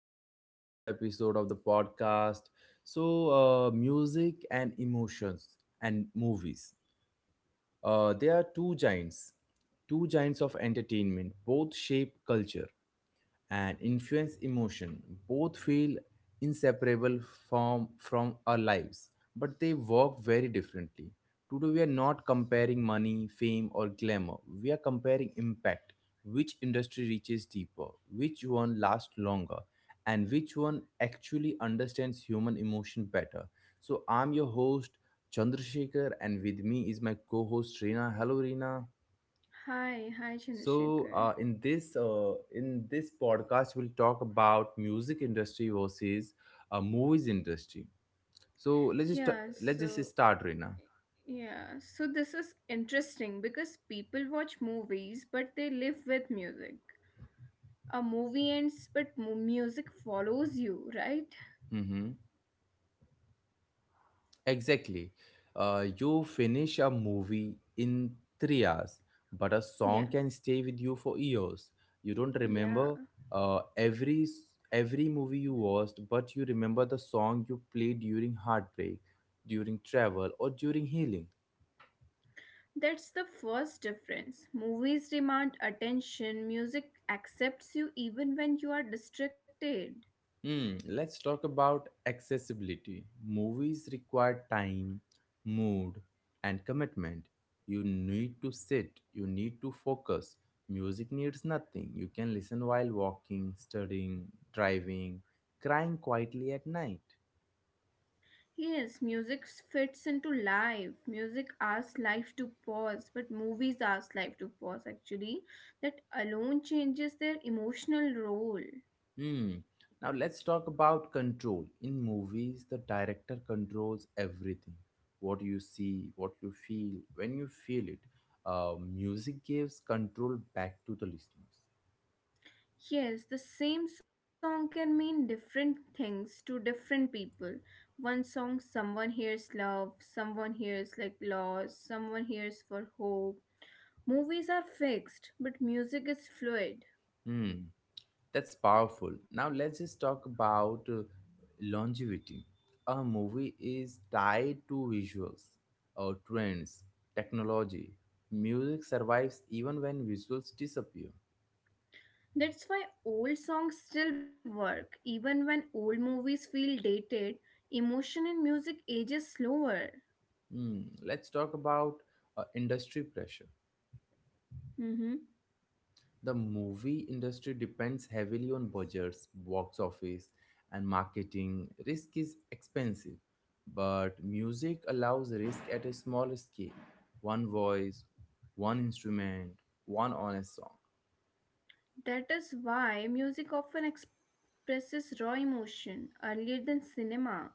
back to another episode of the podcast. So, music and emotions and movies. They are two giants of entertainment. Both shape culture and influence emotion, both feel inseparable from our lives, but they work very differently. Today we are not comparing money, fame, or glamour. We are comparing impact: which industry reaches deeper, which one lasts longer, and which one actually understands human emotion better. So I'm your host, Chandrasekhar, and with me is my co-host, Reena. Hello, Reena. Hi, hi so Chandrasekhar. uh, in this podcast, we'll talk about music industry versus movies industry. So Yeah, let's just so start, Reena. yeah, so this is interesting because people watch movies but they live with music. A movie ends but music follows you, right? Mm-hmm. Exactly. You finish a movie in 3 hours, but a Yeah. song can stay with you for years. You don't Yeah, remember uh, every s- every movie you watched, but you remember the song you played during heartbreak, during travel, or during healing. that's the first difference. Movies demand attention, music accepts you even when you are distracted. Hmm, let's talk about accessibility. Movies require time, mood, and commitment. You need to sit, you need to focus. Music needs nothing. You can listen while walking, studying, driving, crying quietly at night. Yes, music fits into life. Music asks life to pause, but movies ask life to pause actually. That alone changes their emotional role. Hmm. Now let's talk about control. In movies, the director controls everything: what you see, what you feel, when you feel it. Music gives control back to the listeners. Yes, the same song can mean different things to different people. One song, someone hears love, someone hears like loss, someone hears for hope. Movies are fixed, but music is fluid. Hmm, that's powerful. Now let's just talk about longevity. A movie is tied to visuals, trends, technology. Music survives even when visuals disappear. That's why old songs still work, even when old movies feel dated. Emotion in music ages slower. Hmm, let's talk about industry pressure. Mhm. The movie industry depends heavily on budgets, box office, and marketing. Risk is expensive, but music allows risk at a small scale. One voice, one instrument, one honest song. That is why music often expresses raw emotion earlier than cinema.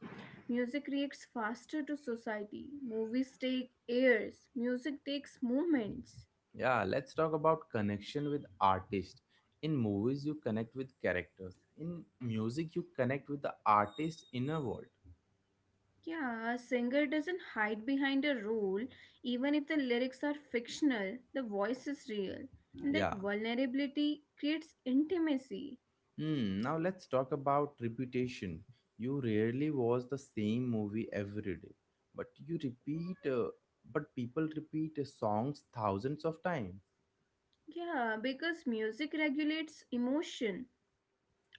Music reacts faster to society. Movies take years, music takes moments. Yeah, let's talk about connection with artists. In movies, you connect with characters. In music, you connect with the artist's inner world. Yeah, a singer doesn't hide behind a role. Even if the lyrics are fictional, the voice is real. And that Yeah. vulnerability creates intimacy. Hmm, now let's talk about reputation. You rarely watch the same movie every day, but you repeat, but people repeat songs thousands of times. Yeah, because music regulates emotion.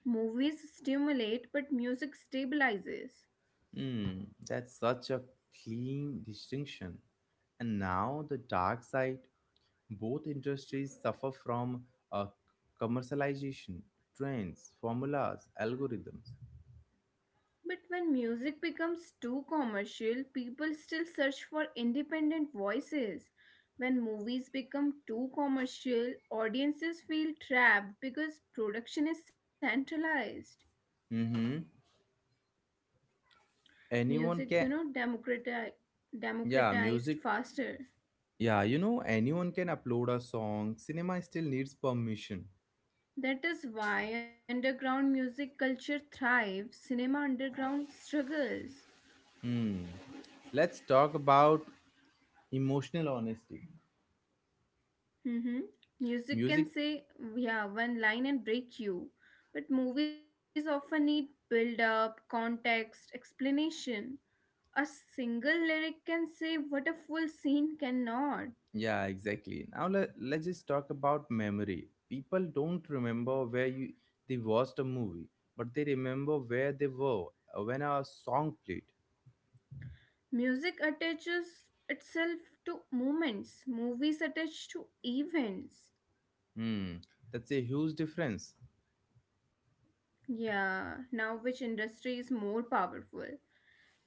Movies stimulate, but music stabilizes. Hmm, that's such a clean distinction. And now the dark side. Both industries suffer from uh, commercialization, trends, formulas, algorithms. But when music becomes too commercial, people still search for independent voices. When movies become too commercial, audiences feel trapped because production is centralized. Mm-hmm. Anyone Music, you can, know, democrati- yeah, music democratized faster. Yeah, you know, anyone can upload a song. Cinema still needs permission. That is why underground music culture thrives, cinema underground struggles. Let's talk about emotional honesty. Mm-hmm. Music can Music, say, yeah, one line and break you. But movies often need build up, context, explanation. A single lyric can say what a full scene cannot. yeah, exactly. Now let's just talk about memory. People don't remember where you they watched a movie, but they remember where they were when a song played. Music attaches itself to moments, movies attach to events. Hmm, that's a huge difference. Yeah, now which industry is more powerful?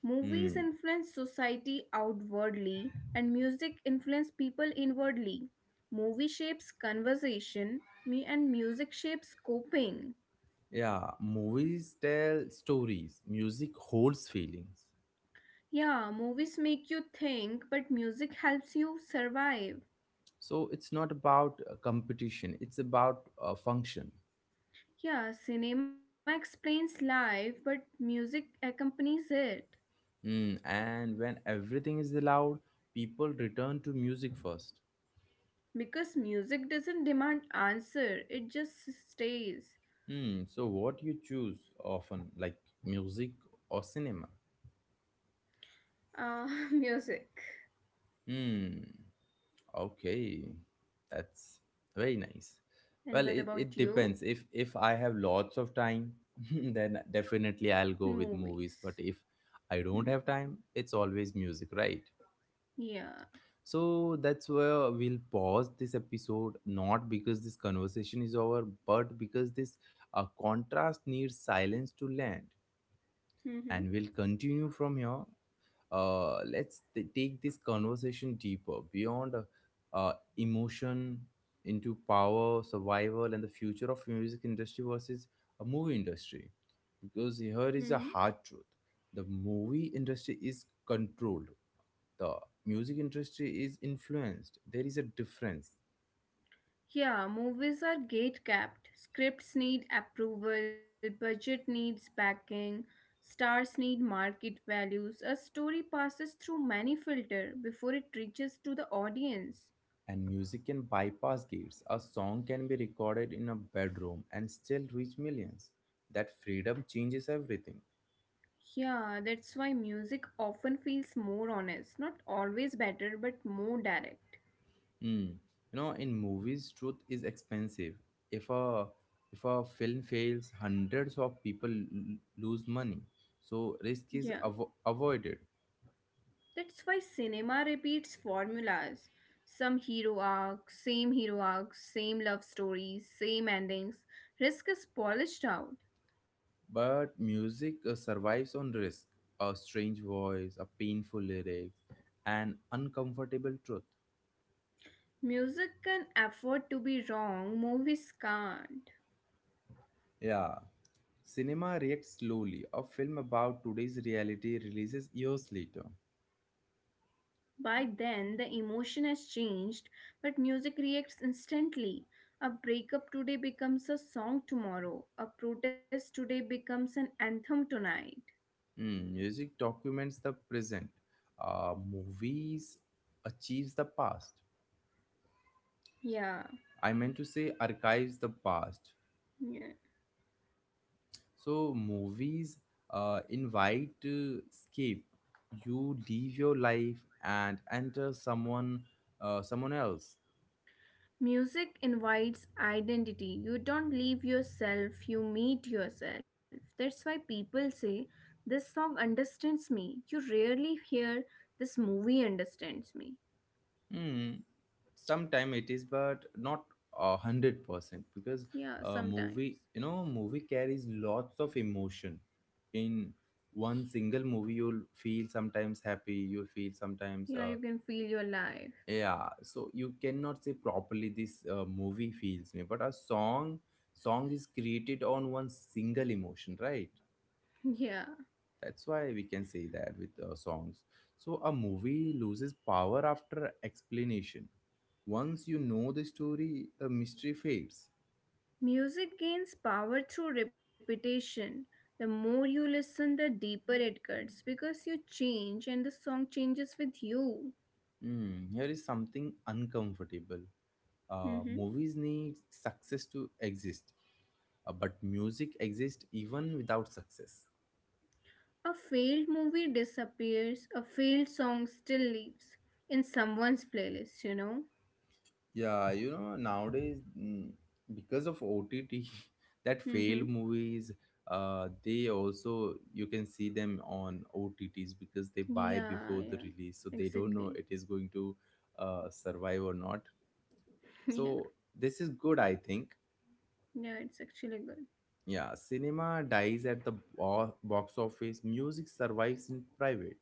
Movies Hmm, influence society outwardly, and music influence people inwardly. Movie shapes conversation, me and music shapes coping. yeah, movies tell stories, music holds feelings. Yeah, movies make you think, but music helps you survive. So it's not about competition, it's about function. Yeah, cinema explains life, but music accompanies it. Mm, and when everything is allowed, people return to music first. Because music doesn't demand answer, it just stays. Mm, so what you choose, often, like, music or cinema? Ah, music. Hmm. Okay, that's very nice. Well, And what it about depends. you? If I have lots of time then definitely I'll go with Movies. movies, but if I don't have time it's always music, right? Yeah. So that's where we'll pause this episode, not because this conversation is over, but because this contrast needs silence to land. Mm-hmm. And we'll continue from here. Let's take this conversation deeper, beyond emotion, into power, survival, and the future of music industry versus a movie industry. Because here Mm-hmm. is a hard truth: the movie industry is controlled, the music industry is influenced. There is a difference, Yeah, movies are gate capped. Scripts need approval, budget needs backing, stars need market values. A story passes through many filters before it reaches to the audience. and music can bypass gates. A song can be recorded in a bedroom and still reach millions. That freedom changes everything. Yeah, that's why music often feels more honest, not always better, but more direct. Hmm. You know, in movies, truth is expensive. If a if a film fails, hundreds of people lose money. So risk is Yeah. Avoided. That's why cinema repeats formulas. Some hero arc, same love stories, same endings. Risk is polished out. But music survives on risk: a strange voice, a painful lyric, an uncomfortable truth. Music can afford to be wrong, movies can't. Yeah, cinema reacts slowly. A film about today's reality releases years later. By then, the emotion has changed, but music reacts instantly. A breakup today becomes a song tomorrow. A protest today becomes an anthem tonight. Hmm, music documents the present. Movies achieves the past. Yeah. I meant to say archives the past. Yeah. So movies invite to escape. You leave your life and enter someone else. Music invites identity. You don't leave yourself, you meet yourself. That's why people say, this song understands me. You rarely hear, this movie understands me. Hmm. Sometime it is, but not 100%, because Yeah, a sometimes. movie, you know, movie carries lots of emotion. In one single movie, you'll feel sometimes happy, you'll feel sometimes Yeah, you can feel your life. yeah, so you cannot say properly this movie feels me, but a song is created on one single emotion, right? Yeah. That's why we can say that with songs. So a movie loses power after explanation. Once you know the story, the mystery fades. Music gains power through repetition. The more you listen, the deeper it cuts because you change and the song changes with you. Hmm, here is something uncomfortable. Movies Mm-hmm. need success to exist, but music exists even without success. A failed movie disappears, a failed song still lives in someone's playlist, you know? Yeah, you know, nowadays, because of OTT, that failed Mm-hmm. movies, they also, you can see them on OTTs because they buy before Yeah, the yeah, release. So they don't know it exactly. is going to survive or not. So yeah, this is good, I think. yeah, it's actually good. Yeah, cinema dies at the box office, music survives in private.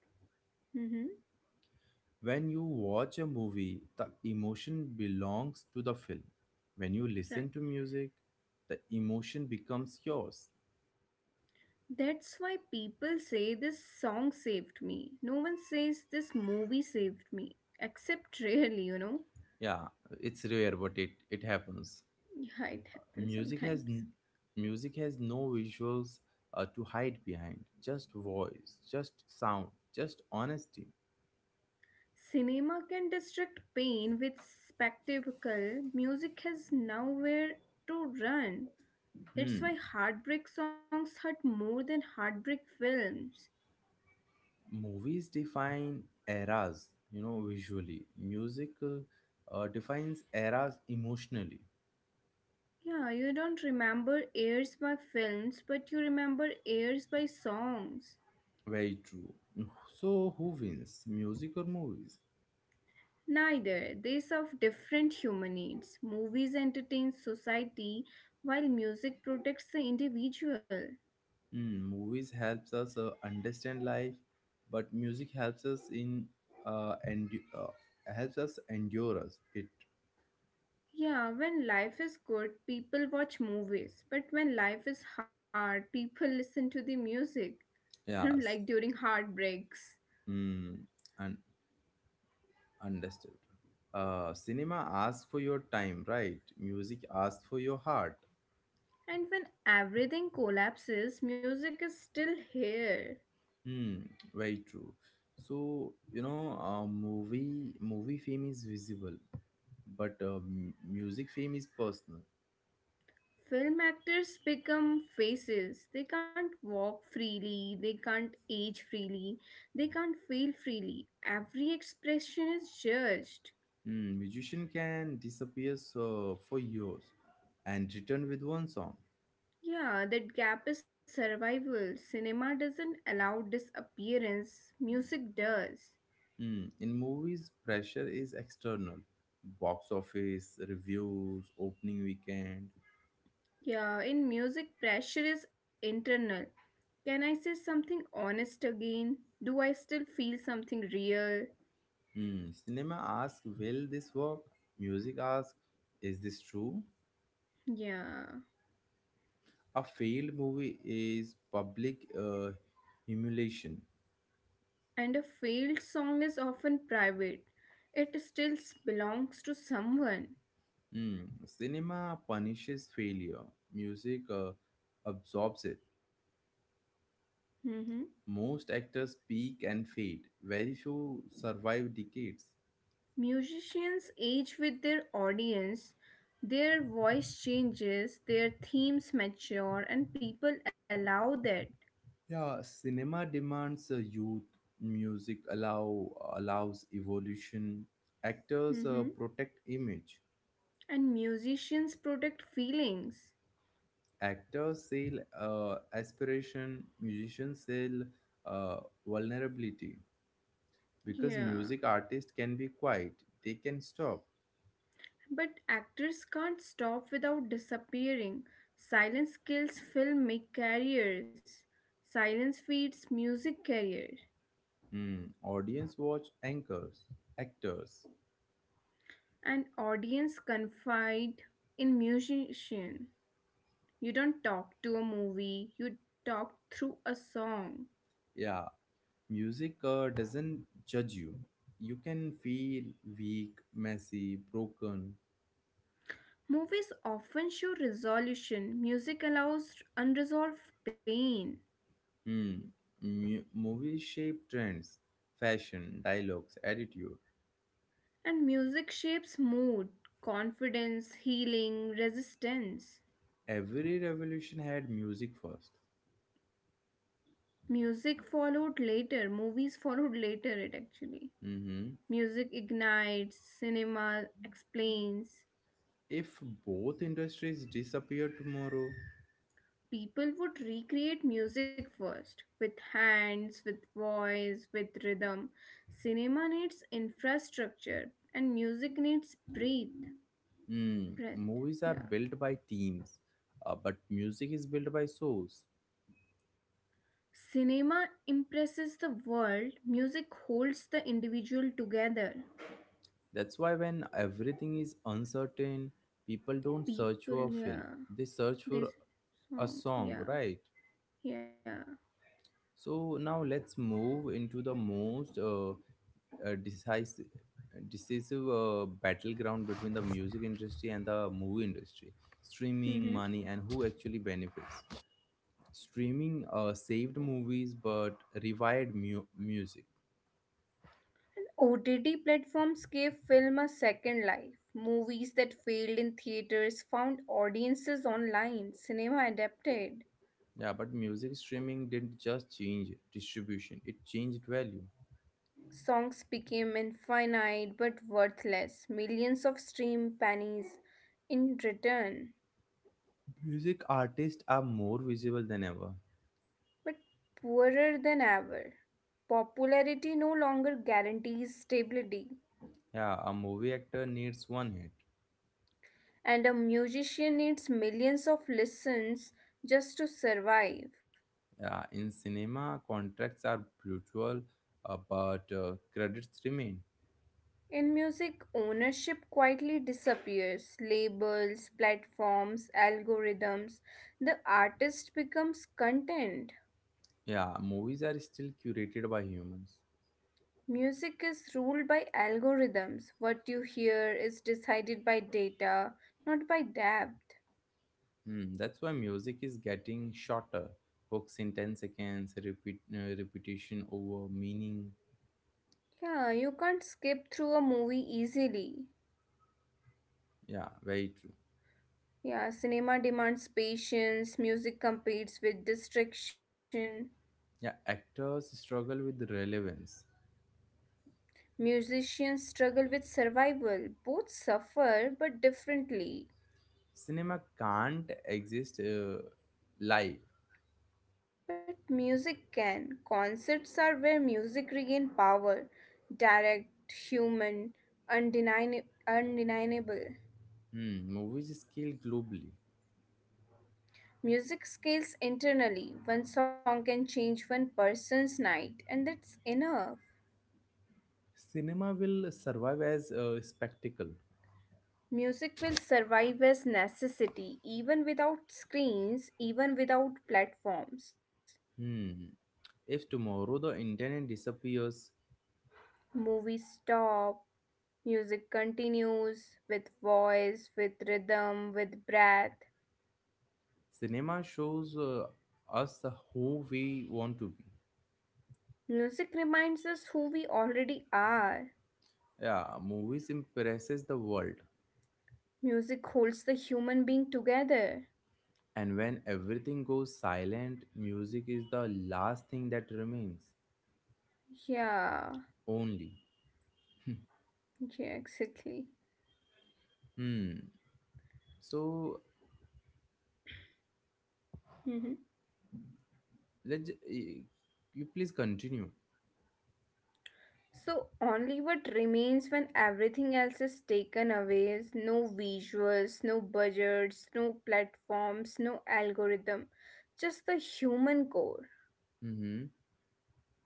Mm-hmm. When you watch a movie, the emotion belongs to the film. When you listen to Right. music, the emotion becomes yours. That's why people say this song saved me. No one says this movie saved me, except rarely, you know? Yeah, it's rare, but it happens. Yeah, it happens Music has n- sometimes. Music has no visuals to hide behind. Just voice, just sound, just honesty. Cinema can distract pain with spectacle. Music has nowhere to run. Hmm. That's why heartbreak songs hurt more than heartbreak films. Movies define eras, you know, visually. Music defines eras emotionally. Yeah, you don't remember airs by films, but you remember airs by songs. Very true. So, who wins, music or movies? Neither. They serve different human needs. Movies entertain society, while music protects the individual. Hmm, movies helps us understand life, but music helps us in and uh, helps us endure us. It Yeah, when life is good, people watch movies. But when life is hard, people listen to the music. You know, like yes, during heartbreaks. hmm, and understood. Cinema asks for your time, right? Music asks for your heart. And when everything collapses, music is still here. Hmm, very true. So, you know, movie fame is visible, but music fame is personal. Film actors become faces. They can't walk freely, they can't age freely, they can't feel freely. Every expression is judged. Hmm, musician can disappear so for years and return with one song. Yeah, that gap is survival. Cinema doesn't allow disappearance, music does. Hmm, in movies, pressure is external: box office, reviews, opening weekend. Yeah, in music, pressure is internal. Can I say something honest again? Do I still feel something real? Hmm, cinema asks, will this work? Music asks, is this true? Yeah. A failed movie is public humiliation. And a failed song is often private, it still belongs to someone. Hmm, cinema punishes failure. Music absorbs it. Mm-hmm. Most actors peak and fade. Very few survive decades. Musicians age with their audience, their voice changes, their themes mature, and people allow that. Yeah, cinema demands a youth. Music allows evolution. Actors hmm uh, protect image. And musicians protect feelings. Actors sell aspiration. Musicians sell uh, vulnerability. Because Yeah. music artists can be quiet. They can stop. But actors can't stop without disappearing. Silence kills filmic careers. Silence feeds music careers. Hmm, audience watch anchors, actors. And audience confide in musician. You don't talk to a movie, you talk through a song. Yeah, music doesn't judge you. You can feel weak, messy, broken. Movies often show resolution, music allows unresolved pain, Hmm. Movies shape trends, fashion, dialogues, attitude. and music shapes mood, confidence, healing, resistance. Every revolution had music first. Music followed later, movies followed later, it actually. Mm-hmm. Music ignites, cinema explains, If both industries disappear tomorrow, people would recreate music first with hands, with voice, with rhythm. Cinema needs infrastructure and music needs breathe. hmm, Breath, movies are yeah. built by teams, but music is built by souls. Cinema impresses the world, music holds the individual together. That's why when everything is uncertain, people don't search People, for a film. yeah. They search for This a song, song, yeah, right? yeah. So now let's move into the most decisive battleground between the music industry and the movie industry: streaming, Hmm. money, and who actually benefits. Streaming saved movies but revived music. OTT platforms gave film a second life. Movies that failed in theaters found audiences online. Cinema adapted. Yeah, but music streaming didn't just change distribution; it changed value. Songs became infinite but worthless. Millions of stream pennies in return, Music artists are more visible than ever. but poorer than ever. Popularity no longer guarantees stability, Yeah, a movie actor needs one hit. and a musician needs millions of listens just to survive. Yeah, in cinema, contracts are brutal, but credits remain. In music, ownership quietly disappears. Labels, platforms, algorithms. The artist becomes content. Yeah, movies are still curated by humans. Music is ruled by algorithms. What you hear is decided by data, not by depth. Hmm, that's why music is getting shorter. Hooks in 10 seconds, repetition over meaning. Yeah, you can't skip through a movie easily. Yeah, very true. Yeah, cinema demands patience, music competes with distraction. Yeah, actors struggle with relevance. Musicians struggle with survival. Both suffer, but differently. Cinema can't exist live. But music can. Concerts are where music regain power, direct, human, undeniable. Hmm, movies scale globally. Music scales internally. One song can change one person's night, and that's enough. Cinema will survive as a spectacle. Music will survive as necessity, even without screens, even without platforms. Hmm. If tomorrow the internet disappears, Movies stop, music continues with voice, with rhythm, with breath. cinema shows us who we want to be. Music reminds us who we already are. Yeah, movies impresses the world. Music holds the human being together. And when everything goes silent, music is the last thing that remains. Yeah, Only. yeah, exactly. Hmm. So Mhm. let you please continue. So, only what remains when everything else is taken away is no visuals, no budgets, no platforms, no algorithm, just the human core. Mm-hmm.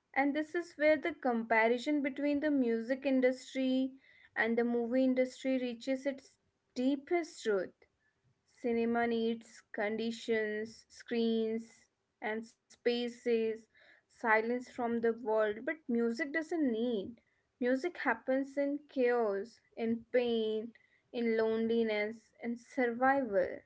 And this is where the comparison between the music industry and the movie industry reaches its deepest root. Cinema needs conditions, screens, and spaces, silence from the world, but music doesn't need. Music happens in chaos, in pain, in loneliness, in survival.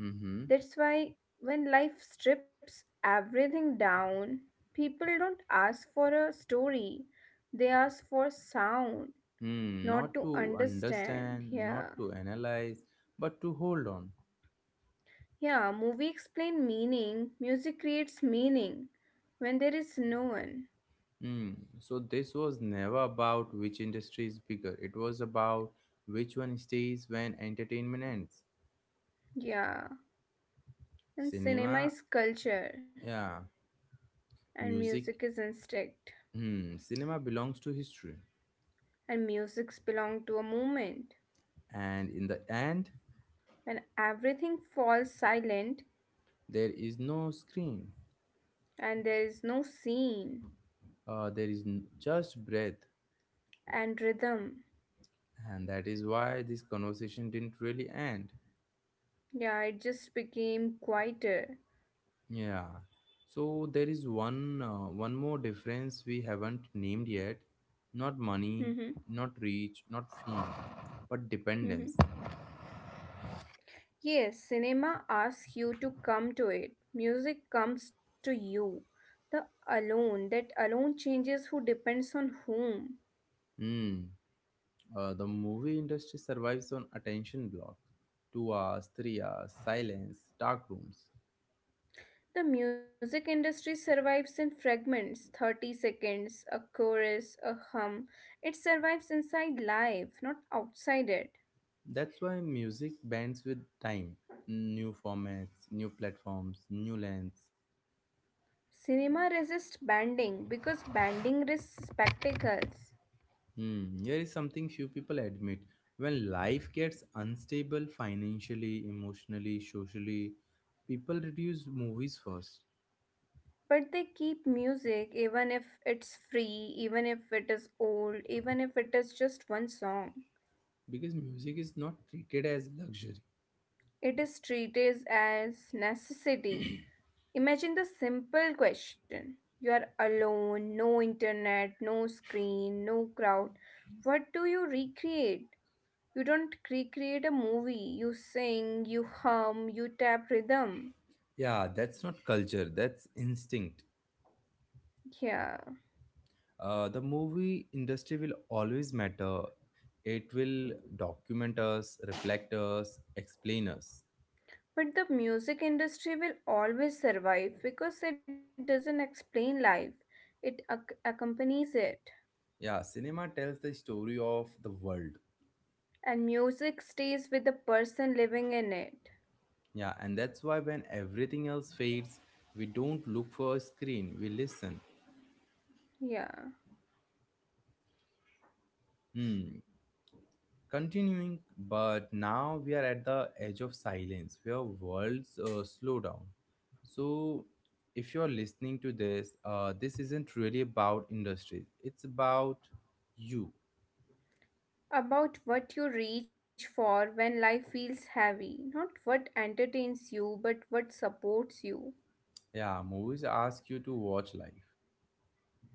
Mm-hmm. That's why when life strips everything down, people don't ask for a story, they ask for sound, Hmm, not not to to understand. understand, Yeah. not to analyze, but to hold on. Yeah, movie explain meaning, music creates meaning when there is no one. Hmm. So this was never about which industry is bigger. It was about which one stays when entertainment ends. Yeah, and cinema Cinema, is culture, yeah, and music. music is instinct, Hmm. Cinema belongs to history, and musics belong to a moment. and in the end, When everything falls silent there is no screen. and there is no scene Just breath, and rhythm, and that is why this conversation didn't really end. yeah, it just became quieter. Yeah. So there is one more difference we haven't named yet. Not money, not reach, not fame, but dependence. Yes, cinema asks you to come to it. Music comes to you. The alone, that alone changes who depends on whom. Hmm. The movie industry survives on attention blocks. 2 hours, 3 hours, silence, dark rooms. The music industry survives in fragments 30 seconds, a chorus, a hum. It survives inside life, not outside it. That's why music bends with time. New formats, new platforms, new lens, Cinema resists banding because banding risks spectacles. hmm, here is something few people admit. When life gets unstable financially, emotionally, socially, people reduce movies first, But they keep music even if it's free, even if it is old, even if it is just one song. because music is not treated as luxury. It is treated as necessity. Imagine the simple question. You are alone, no internet, no screen, no crowd. What do you recreate? You don't recreate a movie. You sing, you hum, you tap rhythm. Yeah, that's not culture, that's instinct. Yeah, The movie industry will always matter. It will document us, reflect us, explain us. but the music industry will always survive because it doesn't explain life, it accompanies it. Yeah, cinema tells the story of the world. And music stays with the person living in it. Yeah, and that's why when everything else fades, we don't look for a screen, we listen. Yeah. Hmm. Continuing, but now we are at the edge of silence where worlds slow down. So, if you're listening to this, this isn't really about industries, it's about you. About what you reach for when life feels heavy, not what entertains you, but what supports you. Yeah, movies ask you to watch life,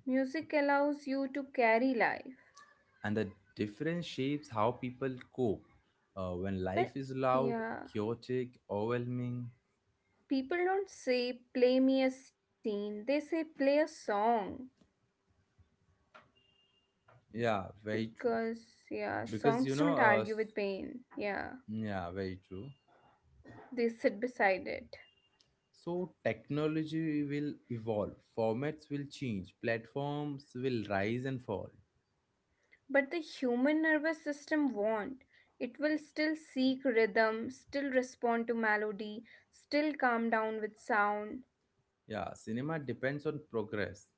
Music allows you to carry life. and the difference shapes how people cope when life But is loud, yeah, chaotic, overwhelming. people don't say play me a scene, they say play a song. Yeah, very true. Because yeah, Because you songs know don't argue s- with pain, yeah, Yeah, very true. they sit beside it. So technology will evolve, formats will change, platforms will rise and fall. But the human nervous system won't, it will still seek rhythm, still respond to melody, still calm down with sound. Yeah, cinema depends on progress.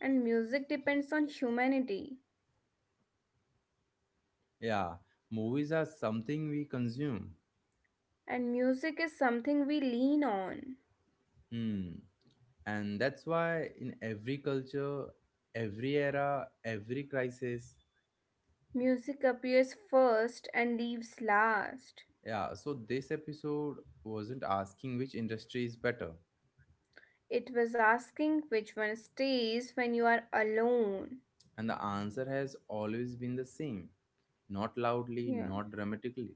And music depends on humanity, Yeah, movies are something we consume. and music is something we lean on. Hmm, and that's why in every culture, every era, every crisis. Music appears first and leaves last. Yeah, so this episode wasn't asking which industry is better. It was asking which one stays when you are alone. And the answer has always been the same, not loudly, Yeah. not dramatically.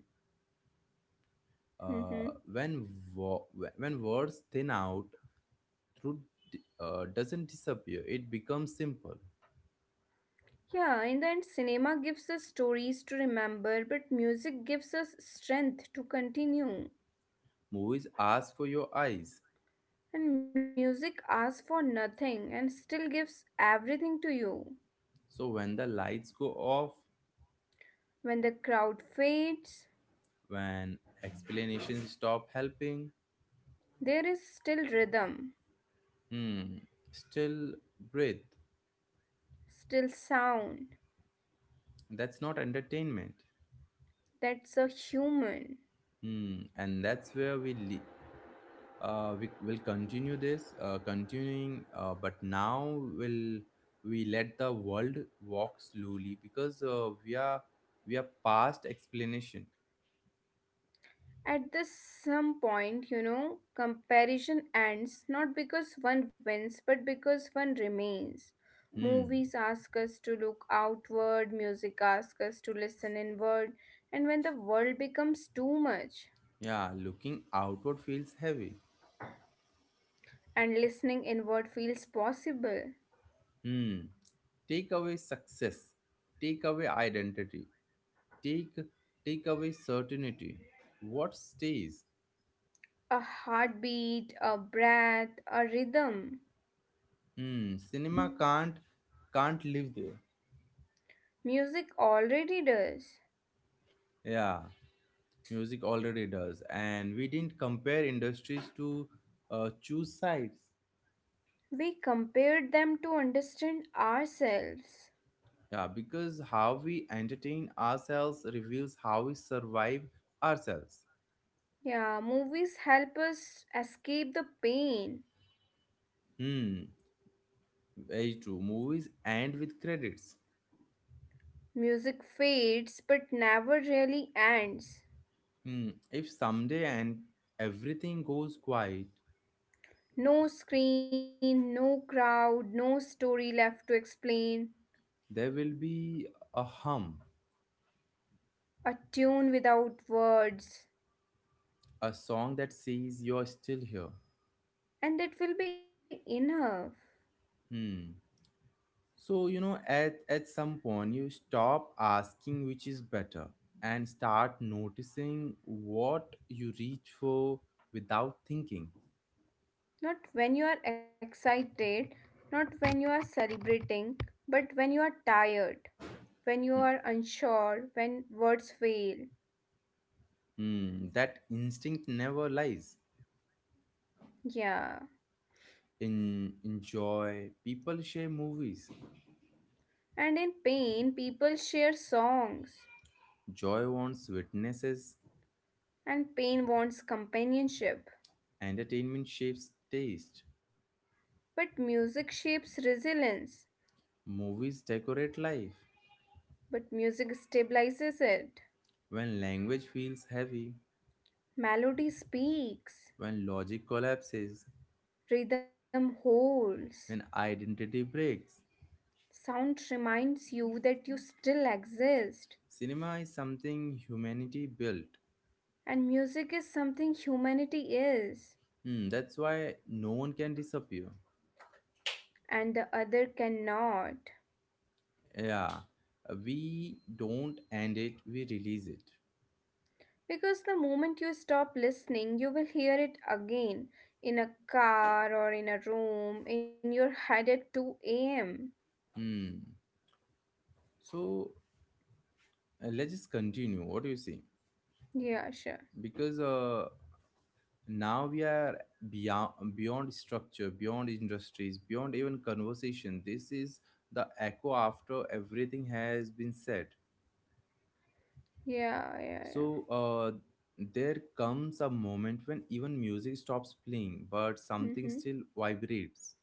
Uh, Mm-hmm. when, wo- when words thin out, truth doesn't disappear, it becomes simple. Yeah, in the end, cinema gives us stories to remember, but music gives us strength to continue. Movies ask for your eyes. And music asks for nothing and still gives everything to you. So when the lights go off, When the crowd fades, when explanations stop helping, there is still rhythm, hmm, still breathe. still sound. That's not entertainment. That's a human. Hmm, and that's where we live. We will continue this continuing But now will we let the world walk slowly, because we are past explanation. At this some point, you know, comparison ends not because one wins, but because one remains. Hmm. Movies ask us to look outward, music asks us to listen inward, and when the world becomes too much Yeah, looking outward feels heavy. and listening inward feels possible, Hmm, take away success, take away identity, take take away certainty. What stays? a heartbeat, a breath, a rhythm, Hmm, cinema can't live there. music already does. Yeah. Music already does, and we didn't compare industries to choose sides. We compared them to understand ourselves. Yeah, because how we entertain ourselves reveals how we survive ourselves. Yeah, movies help us escape the pain. Hmm, very true. Movies end with credits. Music fades but never really ends. Hmm, if someday and everything goes quiet, No screen, no crowd, no story left to explain. there will be a hum, A tune without words. a song that says you're still here. And that will be enough. Hmm. So, you know, at some point, you stop asking which is better and start noticing what you reach for without thinking. Not when you are excited, not when you are celebrating, but when you are tired, when you are unsure, when words fail. Hmm, that instinct never lies. Yeah. In joy, people share movies. And in pain, people share songs. Joy wants witnesses, And pain wants companionship. entertainment shapes taste. But music shapes resilience, Movies decorate life. but music stabilizes it. When language feels heavy, Melody speaks, when logic collapses, rhythm holds, when identity breaks, sound reminds you that you still exist. cinema is something humanity built. And music is something humanity is, Hmm, that's why no one can disappear. and the other cannot. Yeah, we don't end it, we release it. Because the moment you stop listening, you will hear it again in a car or in a room, in your head at 2 am. Hmm. So let's just continue. What do you say? Yeah, sure. Because now we are beyond, beyond structure, beyond industries, beyond even conversation. This is the echo after everything has been said. Yeah, yeah, yeah. So there comes a moment when even music stops playing, but something still Mm-hmm. vibrates.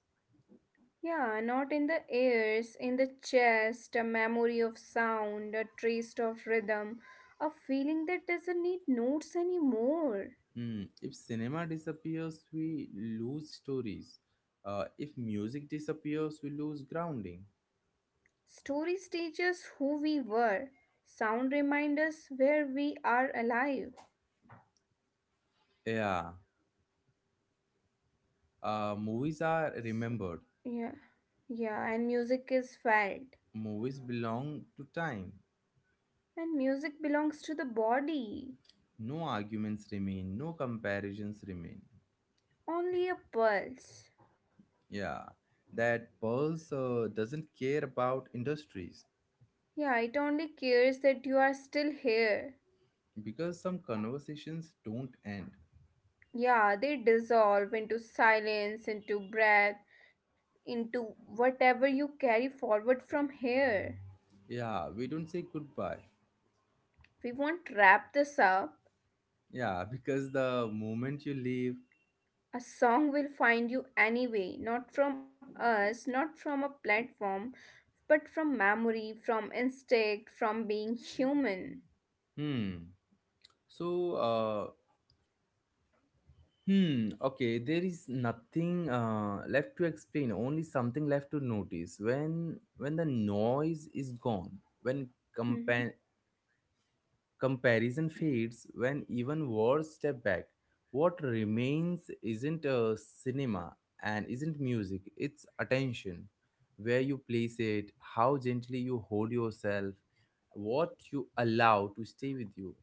Yeah, not in the ears, in the chest, a memory of sound, a trace of rhythm, a feeling that doesn't need notes anymore. Hmm. If cinema disappears, we lose stories. If music disappears, we lose grounding. Stories teach us who we were. Sound reminds us where we are alive. Yeah, movies are So, remembered. yeah, yeah, and music is felt. Movies belong to time. And music belongs to the body, No arguments remain, no comparisons remain. only a pulse. Yeah, that pulse doesn't care about industries, Yeah, it only cares that you are still here. because some conversations don't end. Yeah, they dissolve into silence, into breath, into whatever you carry forward from here. Yeah, we don't say goodbye. We won't wrap this up. Yeah, because the moment you leave, A song will find you anyway, not from us, not from a platform, but from memory, from instinct, from being human. hmm. So, hmm. Okay, there is nothing left to explain. Only something left to notice. When the noise is gone, when Hmm. compa- comparison fades, when even words step back. What remains isn't a cinema and isn't music, it's attention. Where you place it, how gently you hold yourself, what you allow to stay with you.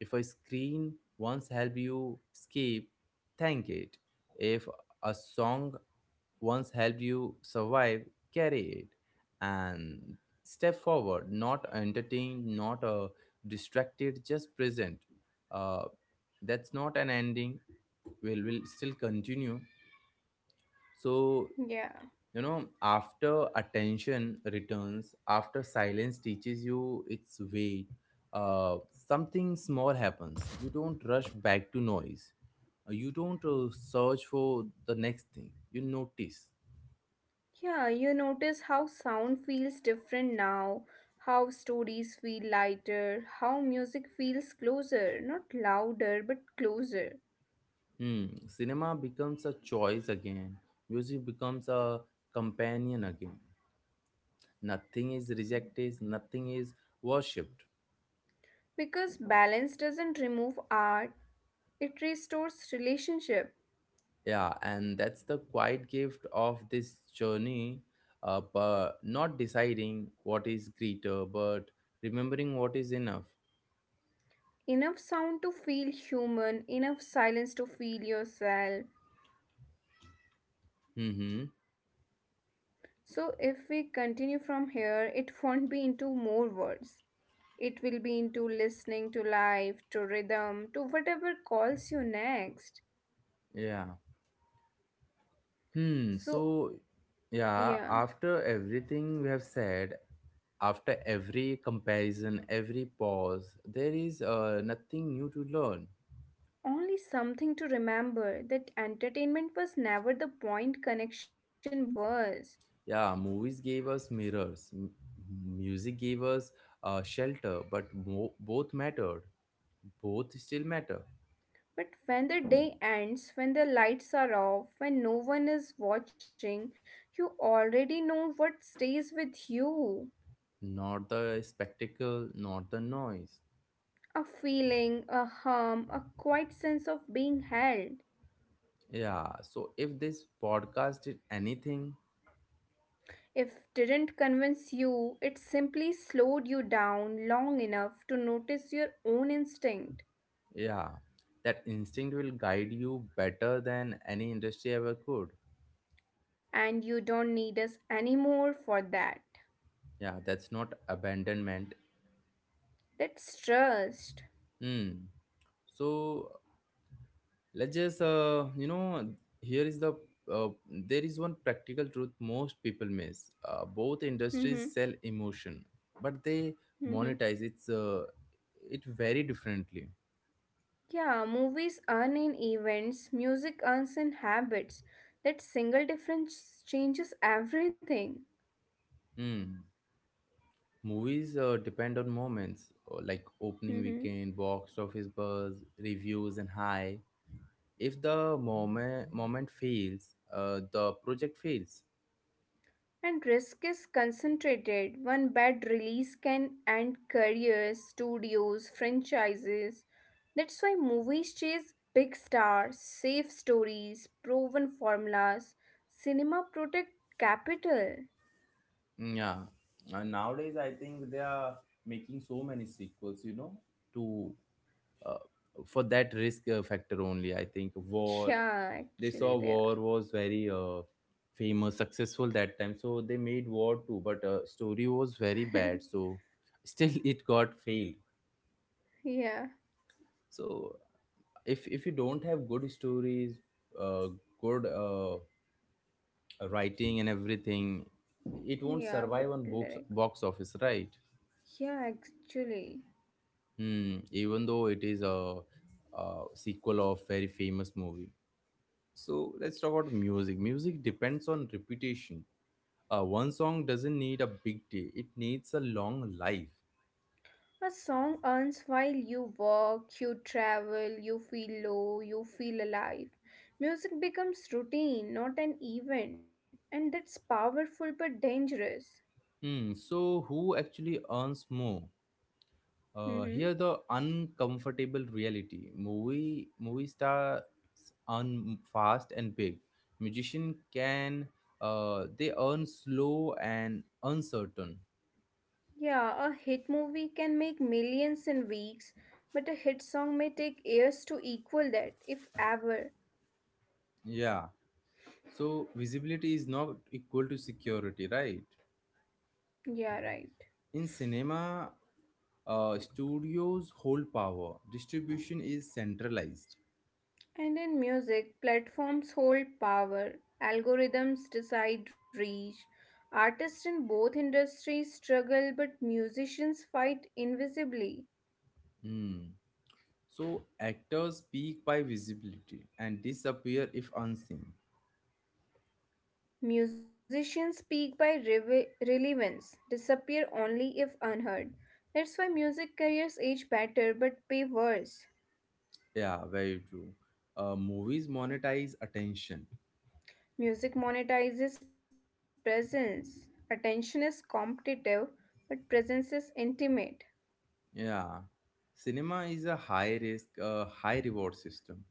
If a screen once helped you escape, thank it. If a song once helped you survive, carry it and step forward, not entertained, not distracted, just present. Uh, that's not an ending, will still continue. So, Yeah. you know, after attention returns, after silence teaches you its weight, uh, something small happens. You don't rush back to noise. You don't search for the next thing. You notice. Yeah, you notice how sound feels different now, how stories feel lighter, how music feels closer, not louder but closer. Hmm, cinema becomes a choice again. Music becomes a companion again. Nothing is rejected, nothing is worshipped. Because balance doesn't remove art, it restores relationship. Yeah, and that's the quiet gift of this journey. But not deciding what is greater, but remembering what is enough. Enough sound to feel human, enough silence to feel yourself. Mm-hmm. So if we continue from here, it won't be into more words. It will be into listening to life, to rhythm, to whatever calls you next. Yeah. Hmm. So, So, yeah, yeah, after everything we have said, after every comparison, every pause, there is nothing new to learn. only something to remember that entertainment was never the point, connection was. Yeah, movies gave us mirrors, music gave us shelter, but both mattered. Both still matter. But when the day ends, when the lights are off, when no one is watching, you already know what stays with you. Not the spectacle, not the noise. A feeling, a hum, a quiet sense of being held. Yeah, so if this podcast did anything, If didn't convince you, it simply slowed you down long enough to notice your own instinct. yeah, that instinct will guide you better than any industry ever could. And you don't need us anymore for that. Yeah, that's not abandonment. That's trust. Hmm. So let's just you know, here is the there is one practical truth most people miss. Both Hmm. industries sell emotion, but they Hmm. monetize it very differently. Yeah, movies earn in events, music earns in habits. That single difference changes everything. Hmm. Movies depend on moments, like opening Hmm. weekend, box office buzz, reviews, and high, if the moment fails, the project fails. And risk is concentrated. One bad release can end careers, studios, franchises. That's why movies chase big stars, safe stories, proven formulas. Cinema protect capital. Mm, yeah, and nowadays I think they are making so many sequels, you know, to uh, for that risk factor only. I think War, Yeah, they saw actually, they War are. was very famous, successful that time, so they made War too but story was very bad, so still it got failed. Yeah, So if you don't have good stories, uh, good writing and everything, it won't yeah, good survive on box lyrics. box office, right? Yeah, actually. Hmm. Even though it is a sequel of very famous movie. So let's talk about music. Music depends on repetition. One song doesn't need a big day, it needs a long life. A song earns while you work, you travel, you feel low, you feel alive. Music becomes routine, not an event, and that's powerful but dangerous. Hmm. So who actually earns more? Uh, here the Mm-hmm. uncomfortable reality. Movie stars earn fast and big, musician can they earn slow and uncertain. Yeah, a hit movie can make millions in weeks, but a hit song may take years to equal that, if ever. Yeah, so visibility is not equal to security, right? Yeah, right. In cinema, studios hold power, distribution is centralized. And in music, platforms hold power, algorithms decide reach. Artists in both industries struggle, but musicians fight invisibly. Hmm. So actors peak by visibility and disappear if unseen. Musicians speak by relevance, disappear only if unheard. That's why music careers age better but pay worse. Yeah, very true. Movies monetize attention. Music monetizes presence. Attention is competitive, but presence is intimate. Yeah. Cinema is a high risk, high reward system.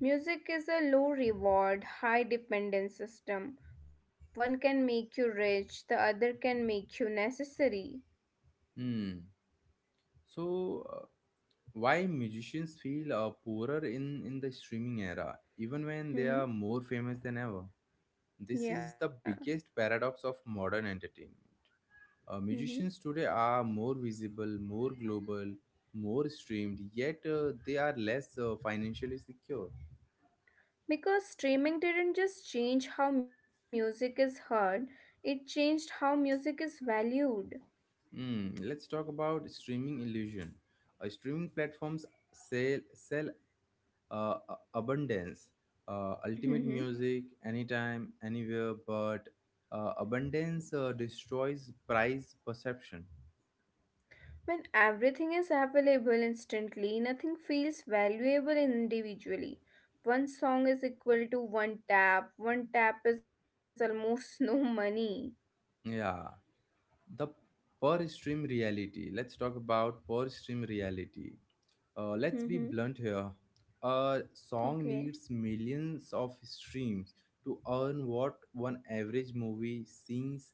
Music is a low reward, high dependence system. One can make you rich, the other can make you necessary. Hmm. So, why musicians feel poorer in the streaming era, even when they are Hmm. more famous than ever? This is Yeah. the biggest paradox of modern entertainment. Hmm. Musicians today are more visible, more global, more streamed, yet they are less financially secure. Because streaming didn't just change how music is heard, it changed how music is valued. Hmm. Let's talk about streaming illusion. Streaming platforms sell abundance, ultimate Hmm. music anytime, anywhere. But abundance destroys price perception. When everything is available instantly, nothing feels valuable individually. One song is equal to one tap is almost no money. Yeah, the per stream reality. Let's talk about per stream reality. Uh, let's be Hmm. blunt here. A song Okay. needs millions of streams to earn what one average movie scenes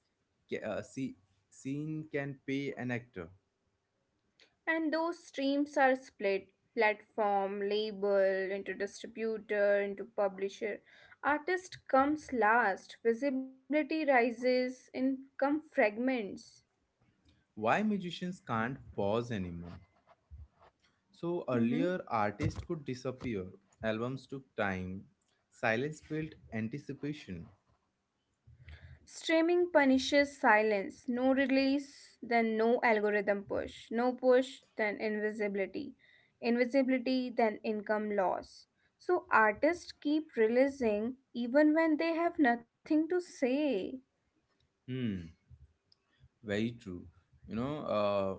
ca- uh, see, scene can pay an actor. And those streams are split, platform, label, into distributor, into publisher. Artist comes last, visibility rises, income fragments. Why musicians can't pause anymore. So Mhm. earlier, artists could disappear, albums took time, silence built anticipation. Streaming punishes silence. No release, then no algorithm push. No push, then invisibility. Invisibility, then income loss. So artists keep releasing even when they have nothing to say. Hmm, very true. You know,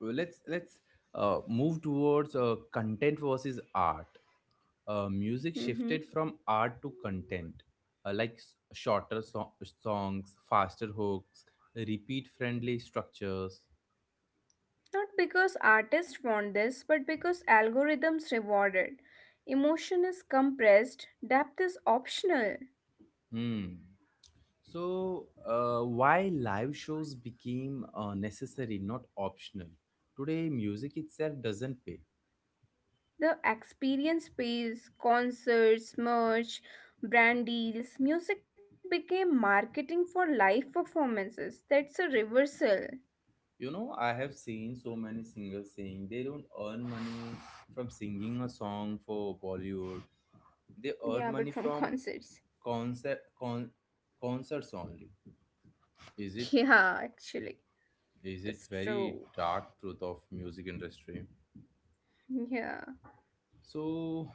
let's move towards content versus art. Music shifted Mhm. from art to content, uh, like shorter songs, faster hooks, repeat-friendly structures. Not because artists want this, but because algorithms reward it. Emotion is compressed, depth is optional. Hmm. So, why live shows became necessary, not optional? Today, music itself doesn't pay. The experience pays, concerts, merch, brand deals, music became marketing for live performances. That's a reversal. You know, I have seen so many singers saying they don't earn money from singing a song for Bollywood. They earn Yeah, money but from from concerts. concert con, concerts only. Is it Yeah, actually, is it that's very true. dark truth of music industry? Yeah. So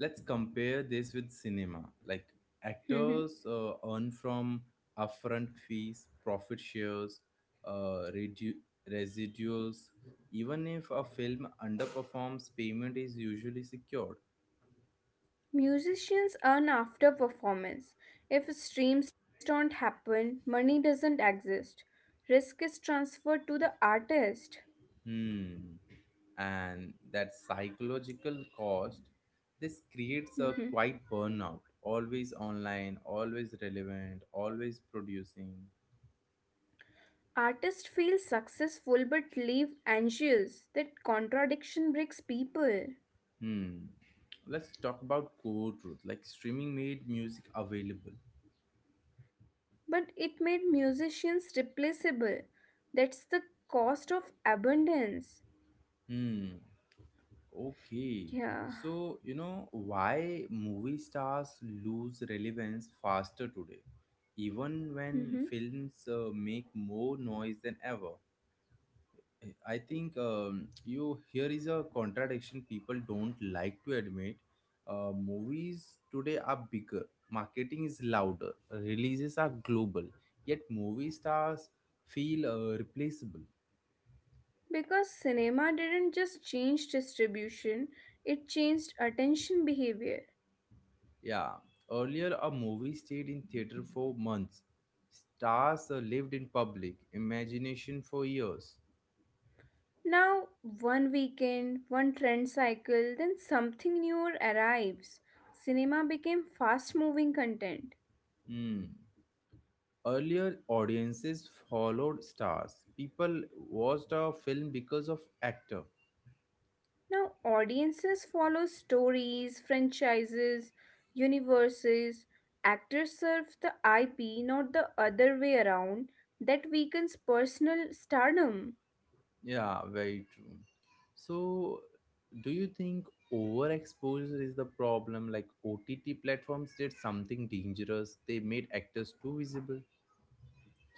let's compare this with cinema. Like actors earn from upfront fees, profit shares, uh, redu- residuals. Even if a film underperforms, payment is usually secured. Musicians earn after performance. If streams don't happen, money doesn't exist. Risk is transferred to the artist. Hmm. And that psychological cost, this creates a quiet Mhm. burnout. Always online, always relevant, always producing. Artists feel successful but leave anxious. That contradiction breaks people. Hmm. Let's talk about core truth. Like, streaming made music available. But it made musicians replaceable. That's the cost of abundance. Hmm. Okay. Yeah. So, you know, why movie stars lose relevance faster today, even when Mhm. films make more noise than ever? I think you here is a contradiction people don't like to admit. Movies today are bigger, marketing is louder, releases are global, yet movie stars feel replaceable. Because cinema didn't just change distribution, it changed attention behavior. Yeah, earlier a movie stayed in theater for months. Stars lived in public imagination for years. Now, one weekend, one trend cycle, then something new arrives. Cinema became fast moving content. Hmm. Earlier, audiences followed stars. People watched a film because of actor. Now, audiences follow stories, franchises, universes. Actors serve the IP, not the other way around. That weakens personal stardom. Yeah, very true. So, do you think overexposure is the problem? Like OTT platforms did something dangerous. They made actors too visible.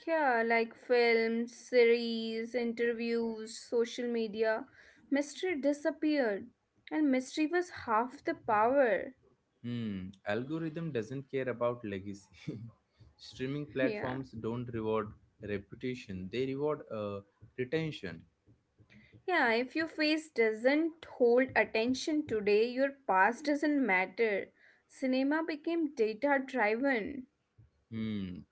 Yeah, like films, series, interviews, social media. Mystery disappeared, and mystery was half the power. Hmm, algorithm doesn't care about legacy. Streaming Yeah. platforms don't reward reputation. They reward retention. Yeah, if your face doesn't hold attention today, your past doesn't matter. Cinema became data driven. Hmm.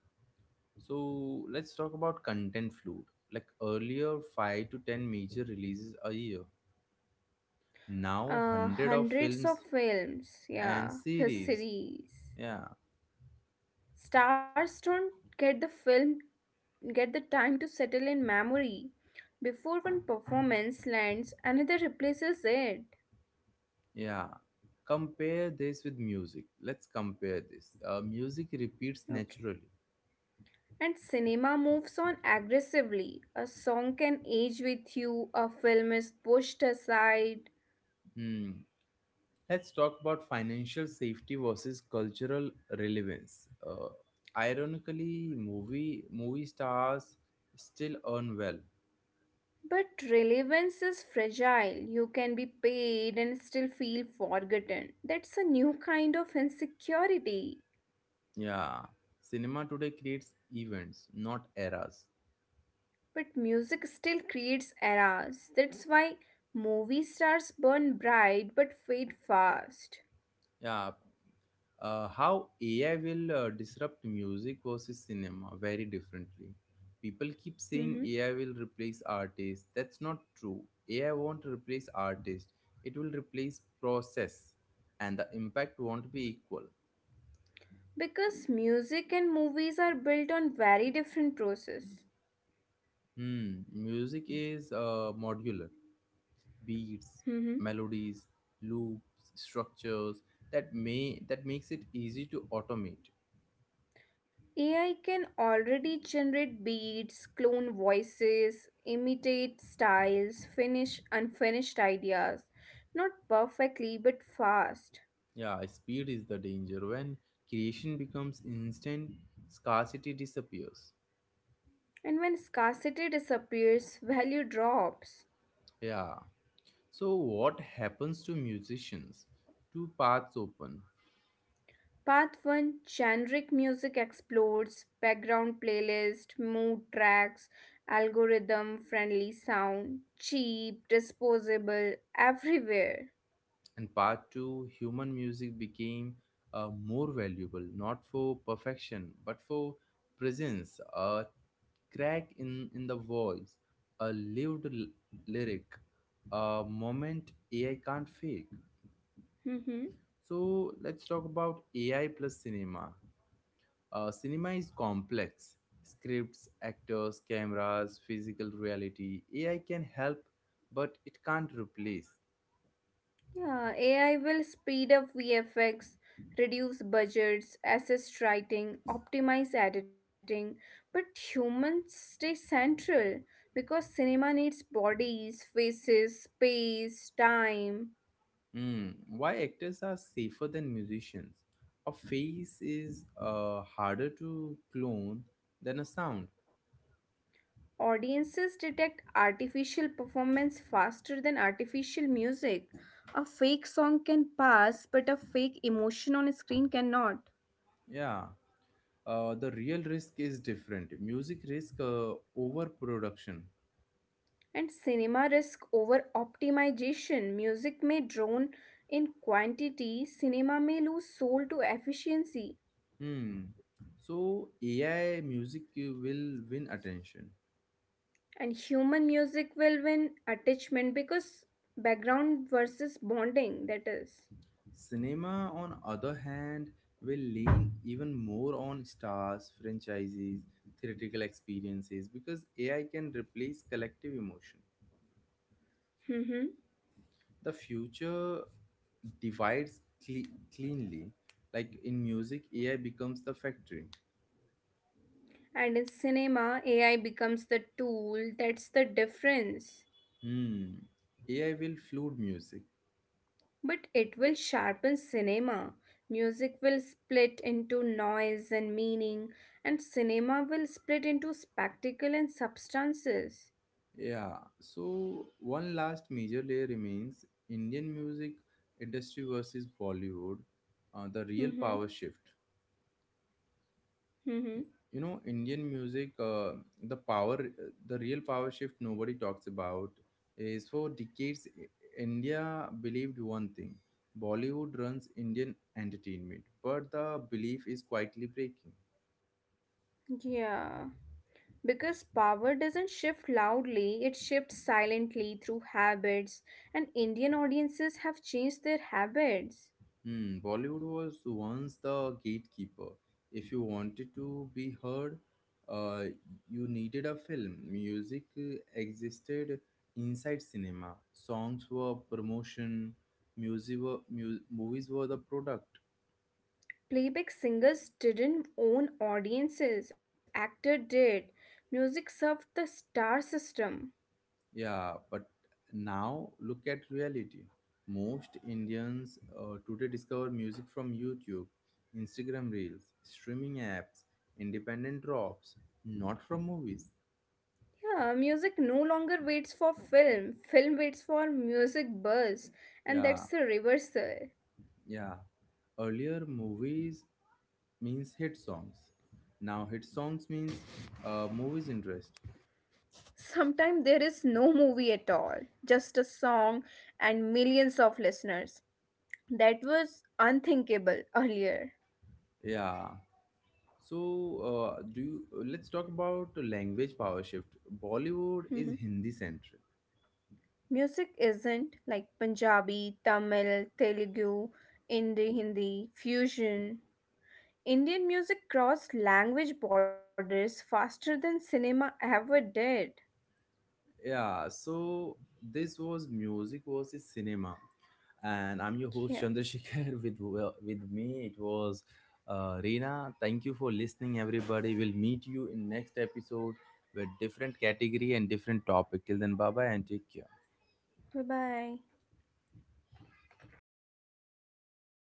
So let's talk about content flood. Like earlier, 5 to 10 major releases a year. Now, hundred of Hundreds of films films, and yeah, plus series. series. Yeah, Stars don't get the film, get the time to settle in memory. Before one performance lands, another replaces it. yeah. Compare this with music. Let's compare this. Music repeats Okay. naturally. And cinema moves on aggressively. A song can age with you, a film is pushed aside. Hmm. Let's talk about financial safety versus cultural relevance. Ironically, movie stars still earn well. But relevance is fragile. You can be paid and still feel forgotten. That's a new kind of insecurity. Yeah, cinema today creates events, not eras. But music still creates eras. That's why movie stars burn bright but fade fast. Yeah, how AI will disrupt music versus cinema very differently. People keep saying Mhm. AI will replace artists. That's not true. AI won't replace artists. It will replace process, and the impact won't be equal. Because music and movies are built on very different process. Hmm. Music is modular. Beats, Mhm. melodies, loops, structures that makes it easy to automate. AI can already generate beats, clone voices, imitate styles, finish unfinished ideas. Not perfectly, but fast. Yeah, speed is the danger. When creation becomes instant, scarcity disappears. And when scarcity disappears, value drops. Yeah. So, what happens to musicians? Two paths open. Path 1, generic music explodes, background playlist, mood tracks, algorithm friendly sound, cheap, disposable, everywhere. And part two, human music became more valuable, not for perfection, but for presence, a crack in the voice, a lived lyric, a moment AI can't fake. So, let's talk about AI plus cinema. Cinema is complex. Scripts, actors, cameras, physical reality. AI can help, but it can't replace. Yeah, AI will speed up VFX, reduce budgets, assist writing, optimize editing, but humans stay central because cinema needs bodies, faces, space, time. Hmm, why actors are safer than musicians? A face is harder to clone than a sound. Audiences detect artificial performance faster than artificial music. A fake song can pass, but a fake emotion on screen cannot. Yeah. The real risk is different. Music risk overproduction. And cinema risk over optimization. Music may drone in quantity, cinema may lose soul to efficiency, Hmm. So AI music will win attention. and human music will win attachment because background versus bonding, that is. Cinema, on other hand, will lean even more on stars, franchises, theatrical experiences, because AI can replace collective emotion. Mhm. The future divides cle- cleanly. Like in music, AI becomes the factory. And in cinema, AI becomes the tool, that's the difference. Hmm. AI will flood music. But it will sharpen cinema. Music will split into noise and meaning, and cinema will split into spectacle and substances. Yeah. So one last major layer remains: Indian music industry versus Bollywood, the real Mm-hmm. power shift. Mm-hmm. You know, Indian music, the power the real power shift nobody talks about is for decades India believed one thing: Bollywood runs Indian entertainment. But the belief is quietly breaking. Yeah. Because power doesn't shift loudly, it shifts silently through habits, and Indian audiences have changed their habits. Hmm, Bollywood was once the gatekeeper. If you wanted to be heard, uh, you needed a film. Music existed inside cinema. Songs were promotion. Movies were the product. Playback singers didn't own audiences, actor did. Music served the star system. Yeah, but now look at reality. Most Indians today discover music from YouTube, Instagram Reels, streaming apps, independent drops, not from movies. Yeah, music no longer waits for film. Film waits for music buzz, Yeah. and that's the reversal. Yeah. Earlier, movies means hit songs. Now, hit songs means movies interest. Sometimes there is no movie at all, just a song and millions of listeners. That was unthinkable earlier. Yeah. So, let's talk about language power shift. Bollywood is Mhm. Hindi centric. Music isn't like Punjabi, Tamil, Telugu, Hindi, Hindi, fusion. Indian music crossed language borders faster than cinema ever did. Yeah, so this was music versus cinema, and I'm your host Yeah, Chandrasekhar with, well, with me it was Reena. Thank you for listening, everybody. We'll meet you in next episode with different category and different topic. Till then, bye bye and take care. bye bye.